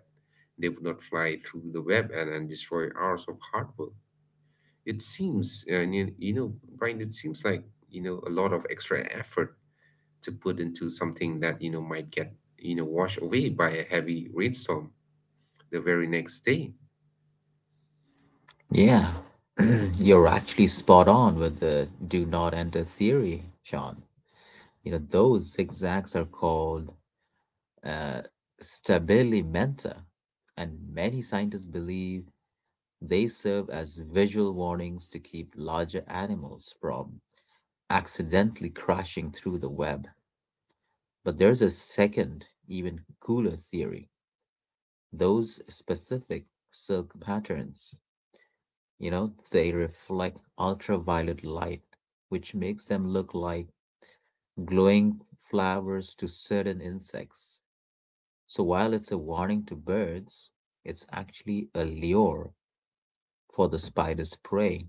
Speaker 2: they would not fly through the web and and destroy hours of hard work. It seems, and you, you know Brian, it seems like you know a lot of extra effort to put into something that you know might get you know washed away by a heavy rainstorm the very next day.
Speaker 1: Yeah, you're actually spot on with the do not enter theory, Sean. You know, those zigzags are called uh, stabili and many scientists believe they serve as visual warnings to keep larger animals from accidentally crashing through the web. But there's a second, even cooler theory. Those specific silk patterns, you know, they reflect ultraviolet light, which makes them look like glowing flowers to certain insects. So while it's a warning to birds, it's actually a lure for the spider's prey.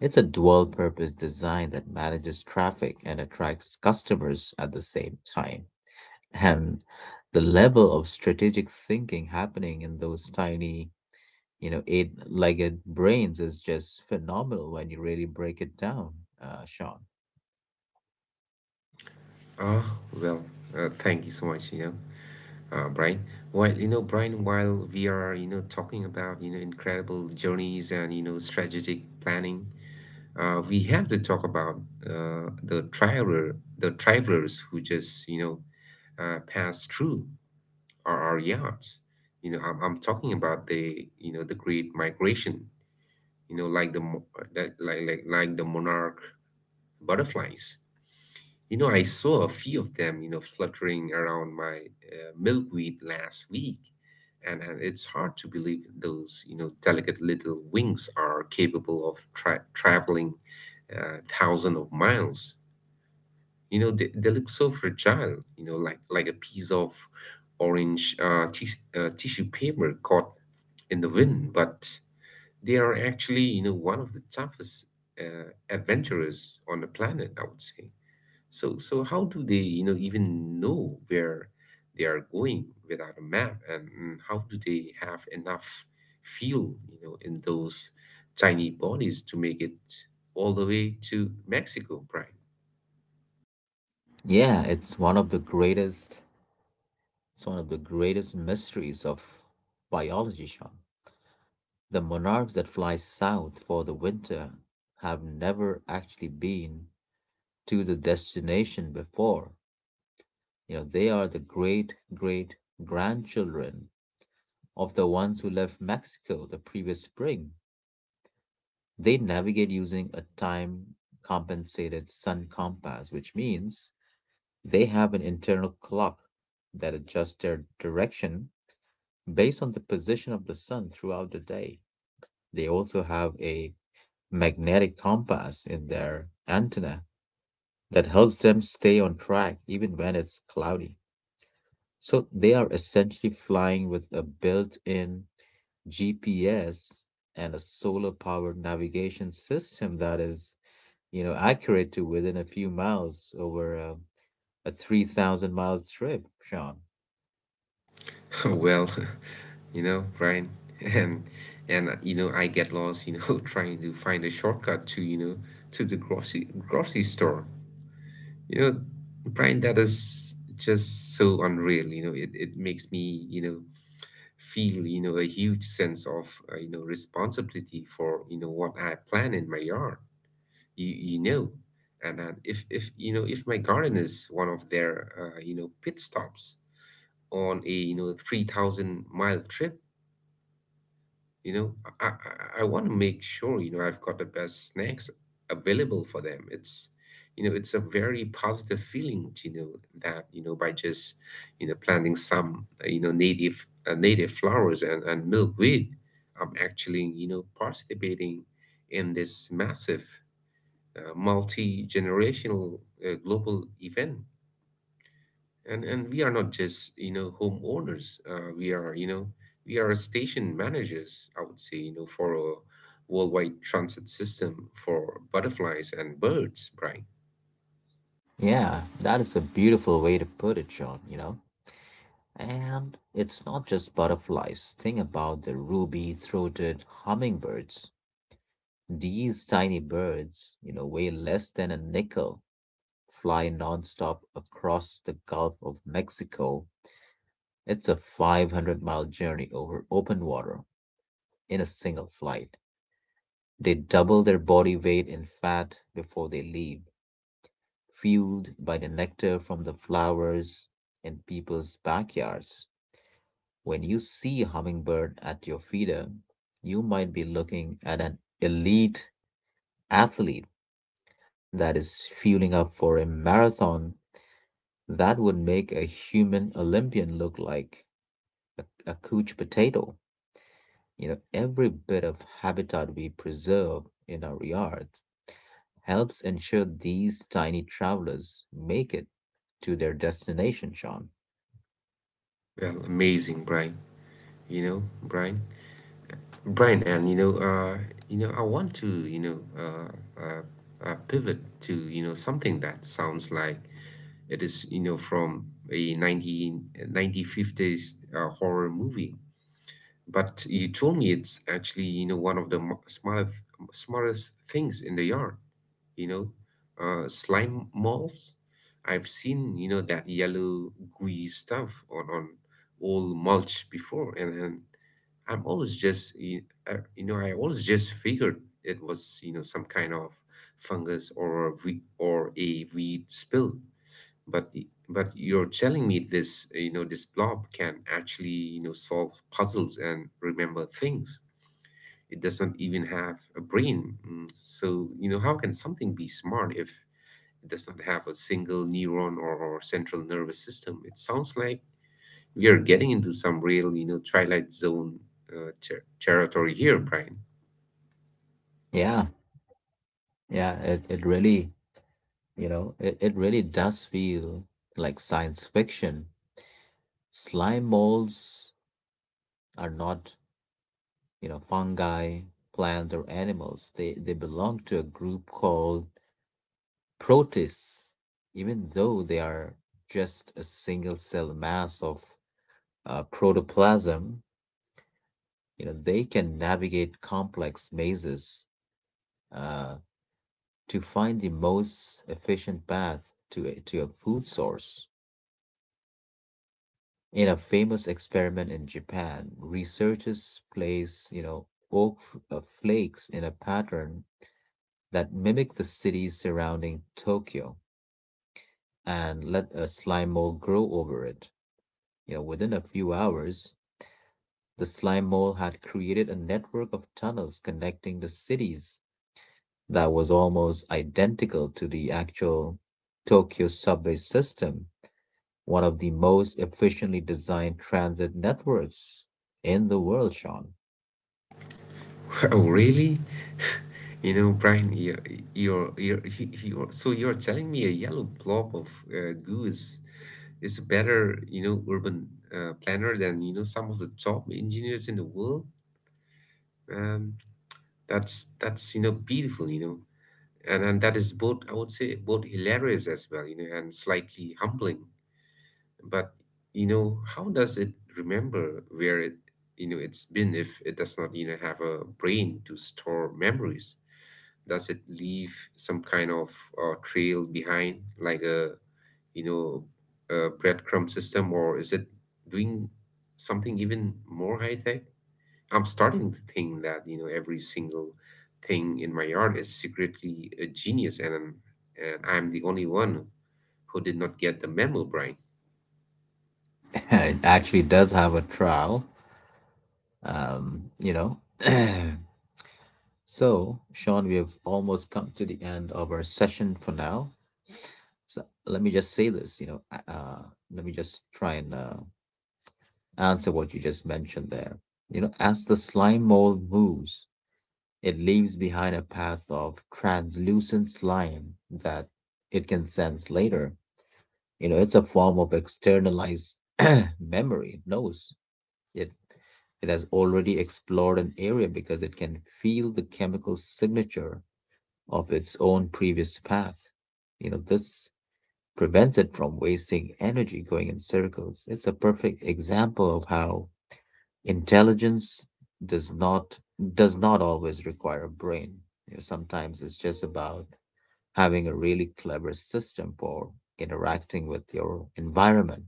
Speaker 1: It's a dual purpose design that manages traffic and attracts customers at the same time. And the level of strategic thinking happening in those tiny, you know, eight legged brains is just phenomenal when you really break it down, uh, Sean.
Speaker 2: Ah, well, uh, thank you so much, you know, uh, Brian. While you know, Brian, while we are you know talking about you know incredible journeys and you know strategic planning, uh, we have to talk about uh, the traveler, the travelers who just you know uh, pass through our, our yards. You know, I'm, I'm talking about the you know the Great Migration. You know, like the mo- like like like, like the monarch butterflies. You know, I saw a few of them, you know, fluttering around my uh, milkweed last week, and, and it's hard to believe those, you know, delicate little wings are capable of tra traveling uh, thousands of miles. You know, they, they look so fragile, you know, like like a piece of orange uh, tis uh, tissue paper caught in the wind, but they are actually, you know, one of the toughest uh, adventurers on the planet, I would say. So, so how do they, you know, even know where they are going without a map, and, and how do they have enough fuel, you know, in those tiny bodies to make it all the way to Mexico, Brian?
Speaker 1: Yeah, it's one of the greatest, it's one of the greatest mysteries of biology, Sean. The monarchs that fly south for the winter have never actually been to the destination before. You know, they are the great great grandchildren of the ones who left Mexico the previous spring. They navigate using a time compensated sun compass, which means they have an internal clock that adjusts their direction based on the position of the sun throughout the day. They also have a magnetic compass in their antenna that helps them stay on track even when it's cloudy. So they are essentially flying with a built in G P S and a solar powered navigation system that is, you know, accurate to within a few miles over a, a three thousand mile trip, Sean.
Speaker 2: Well, you know, Brian, and and uh, you know, I get lost, you know, trying to find a shortcut to, you know, to the grocery grocery store. You know, Brian, that is just so unreal. You know, it, it makes me, you know, feel you know a huge sense of uh, you know responsibility for you know what I plant in my yard. You, you know and uh, if if you know if my garden is one of their uh, you know pit stops on a you know three thousand mile trip, you know i i, I want to make sure you know I've got the best snacks available for them. It's you know it's a very positive feeling to know that you know by just you know planting some uh, you know native uh, native flowers and, and milkweed, I'm actually you know participating in this massive uh, multi-generational uh, global event. And and we are not just you know homeowners, uh, we are you know we are station managers, I would say, you know for a worldwide transit system for butterflies and birds, Brian.
Speaker 1: Yeah, that is a beautiful way to put it, Sean, you know. And it's not just butterflies. Think about the ruby throated hummingbirds. These tiny birds, you know, weigh less than a nickel, fly nonstop across the Gulf of Mexico. It's a five hundred mile journey over open water in a single flight. They double their body weight in fat before they leave, fueled by the nectar from the flowers in people's backyards. When you see a hummingbird at your feeder, you might be looking at an elite athlete that is fueling up for a marathon that would make a human Olympian look like a, a couch potato. You know, every bit of habitat we preserve in our yards helps ensure these tiny travelers make it to their destination, Sean.
Speaker 2: Well, amazing, Brian, you know brian brian, and you know uh you know I want to you know uh, uh, uh pivot to you know something that sounds like it is you know from a 19 nineteen fifties uh, horror movie. But you told me it's actually, you know, one of the mo- smartest smartest things in the yard, you know, uh, slime molds. I've seen, you know, that yellow gooey stuff on on old mulch before, and, and I'm always just, you, I, you know, I always just figured it was, you know, some kind of fungus or a we- or a weed spill. But y- but you're telling me this you know this blob can actually you know solve puzzles and remember things. It doesn't even have a brain. Mm, so you know how can something be smart if it does not have a single neuron or, or central nervous system? It sounds like we are getting into some real you know twilight zone uh, ter- territory here, Brian.
Speaker 1: Yeah, yeah, it, it really You know, it, it really does feel like science fiction. Slime molds are not, you know, fungi, plants, or animals. They they belong to a group called protists, even though they are just a single cell mass of uh, protoplasm. You know, they can navigate complex mazes uh, to find the most efficient path to a, to a food source. In a famous experiment in Japan, researchers placed, you know, oak f- uh, flakes in a pattern that mimicked the cities surrounding Tokyo and let a slime mold grow over it. You know, within a few hours, the slime mold had created a network of tunnels connecting the cities that was almost identical to the actual Tokyo subway system, one of the most efficiently designed transit networks in the world, Sean.
Speaker 2: Oh, really? You know, Brian, you're, you're, you're, you're, so you're telling me a yellow blob of uh, goo is is a better you know urban uh, planner than you know some of the top engineers in the world. Um, that's that's you know beautiful, you know and and that is, both, I would say, both hilarious as well you know and slightly humbling. But you know how does it remember where it you know it's been if it does not you know have a brain to store memories? Does it leave some kind of uh, trail behind, like a you know, uh, breadcrumb system, or is it doing something even more high tech? I'm starting to think that, you know, every single thing in my yard is secretly a genius, and I'm- and I'm the only one who did not get the memo, Brian.
Speaker 1: It actually does have a trial, um, you know. So, Sean, we have almost come to the end of our session for now. So, let me just say this, you know, uh, uh, let me just try and uh, answer what you just mentioned there. You know, as the slime mold moves, it leaves behind a path of translucent slime that it can sense later. You know, it's a form of externalized memory, it knows It it has already explored an area because it can feel the chemical signature of its own previous path. You know, this prevents it from wasting energy going in circles. It's a perfect example of how intelligence does not does not always require a brain. You know, sometimes it's just about having a really clever system for interacting with your environment.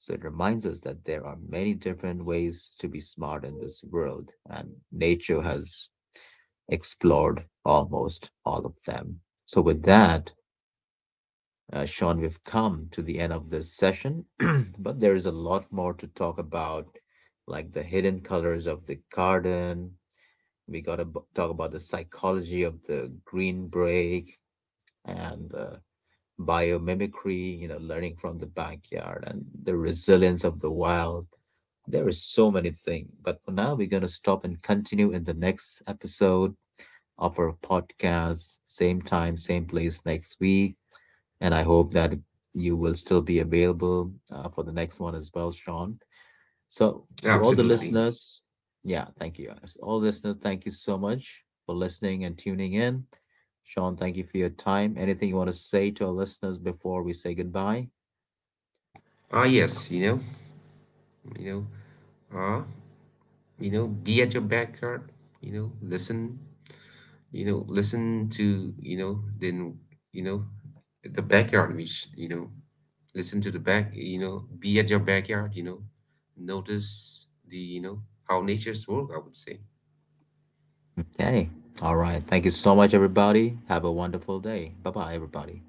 Speaker 1: So it reminds us that there are many different ways to be smart in this world, and nature has explored almost all of them. So, with that, uh, Sean, we've come to the end of this session, but there is a lot more to talk about, like the hidden colors of the garden. We got to b- talk about the psychology of the green break and uh, biomimicry, you know, learning from the backyard and the resilience of the wild. There is so many things. But for now, we're going to stop and continue in the next episode of our podcast. Same time, same place next week. And I hope that you will still be available uh, for the next one as well, Sean. So, to all the
Speaker 2: Absolutely.
Speaker 1: listeners, yeah, thank you. Guys. All listeners, thank you so much for listening and tuning in. Sean, thank you for your time. Anything you want to say to our listeners before we say goodbye?
Speaker 2: Ah, yes, you know, you know, ah, you know, be at your backyard, you know, listen, you know listen to you know then you know the backyard, which, you know listen to the back you know be at your backyard, you know notice the you know how nature's work, I would say.
Speaker 1: Okay. All right. Thank you so much, everybody. Have a wonderful day. Bye bye, everybody.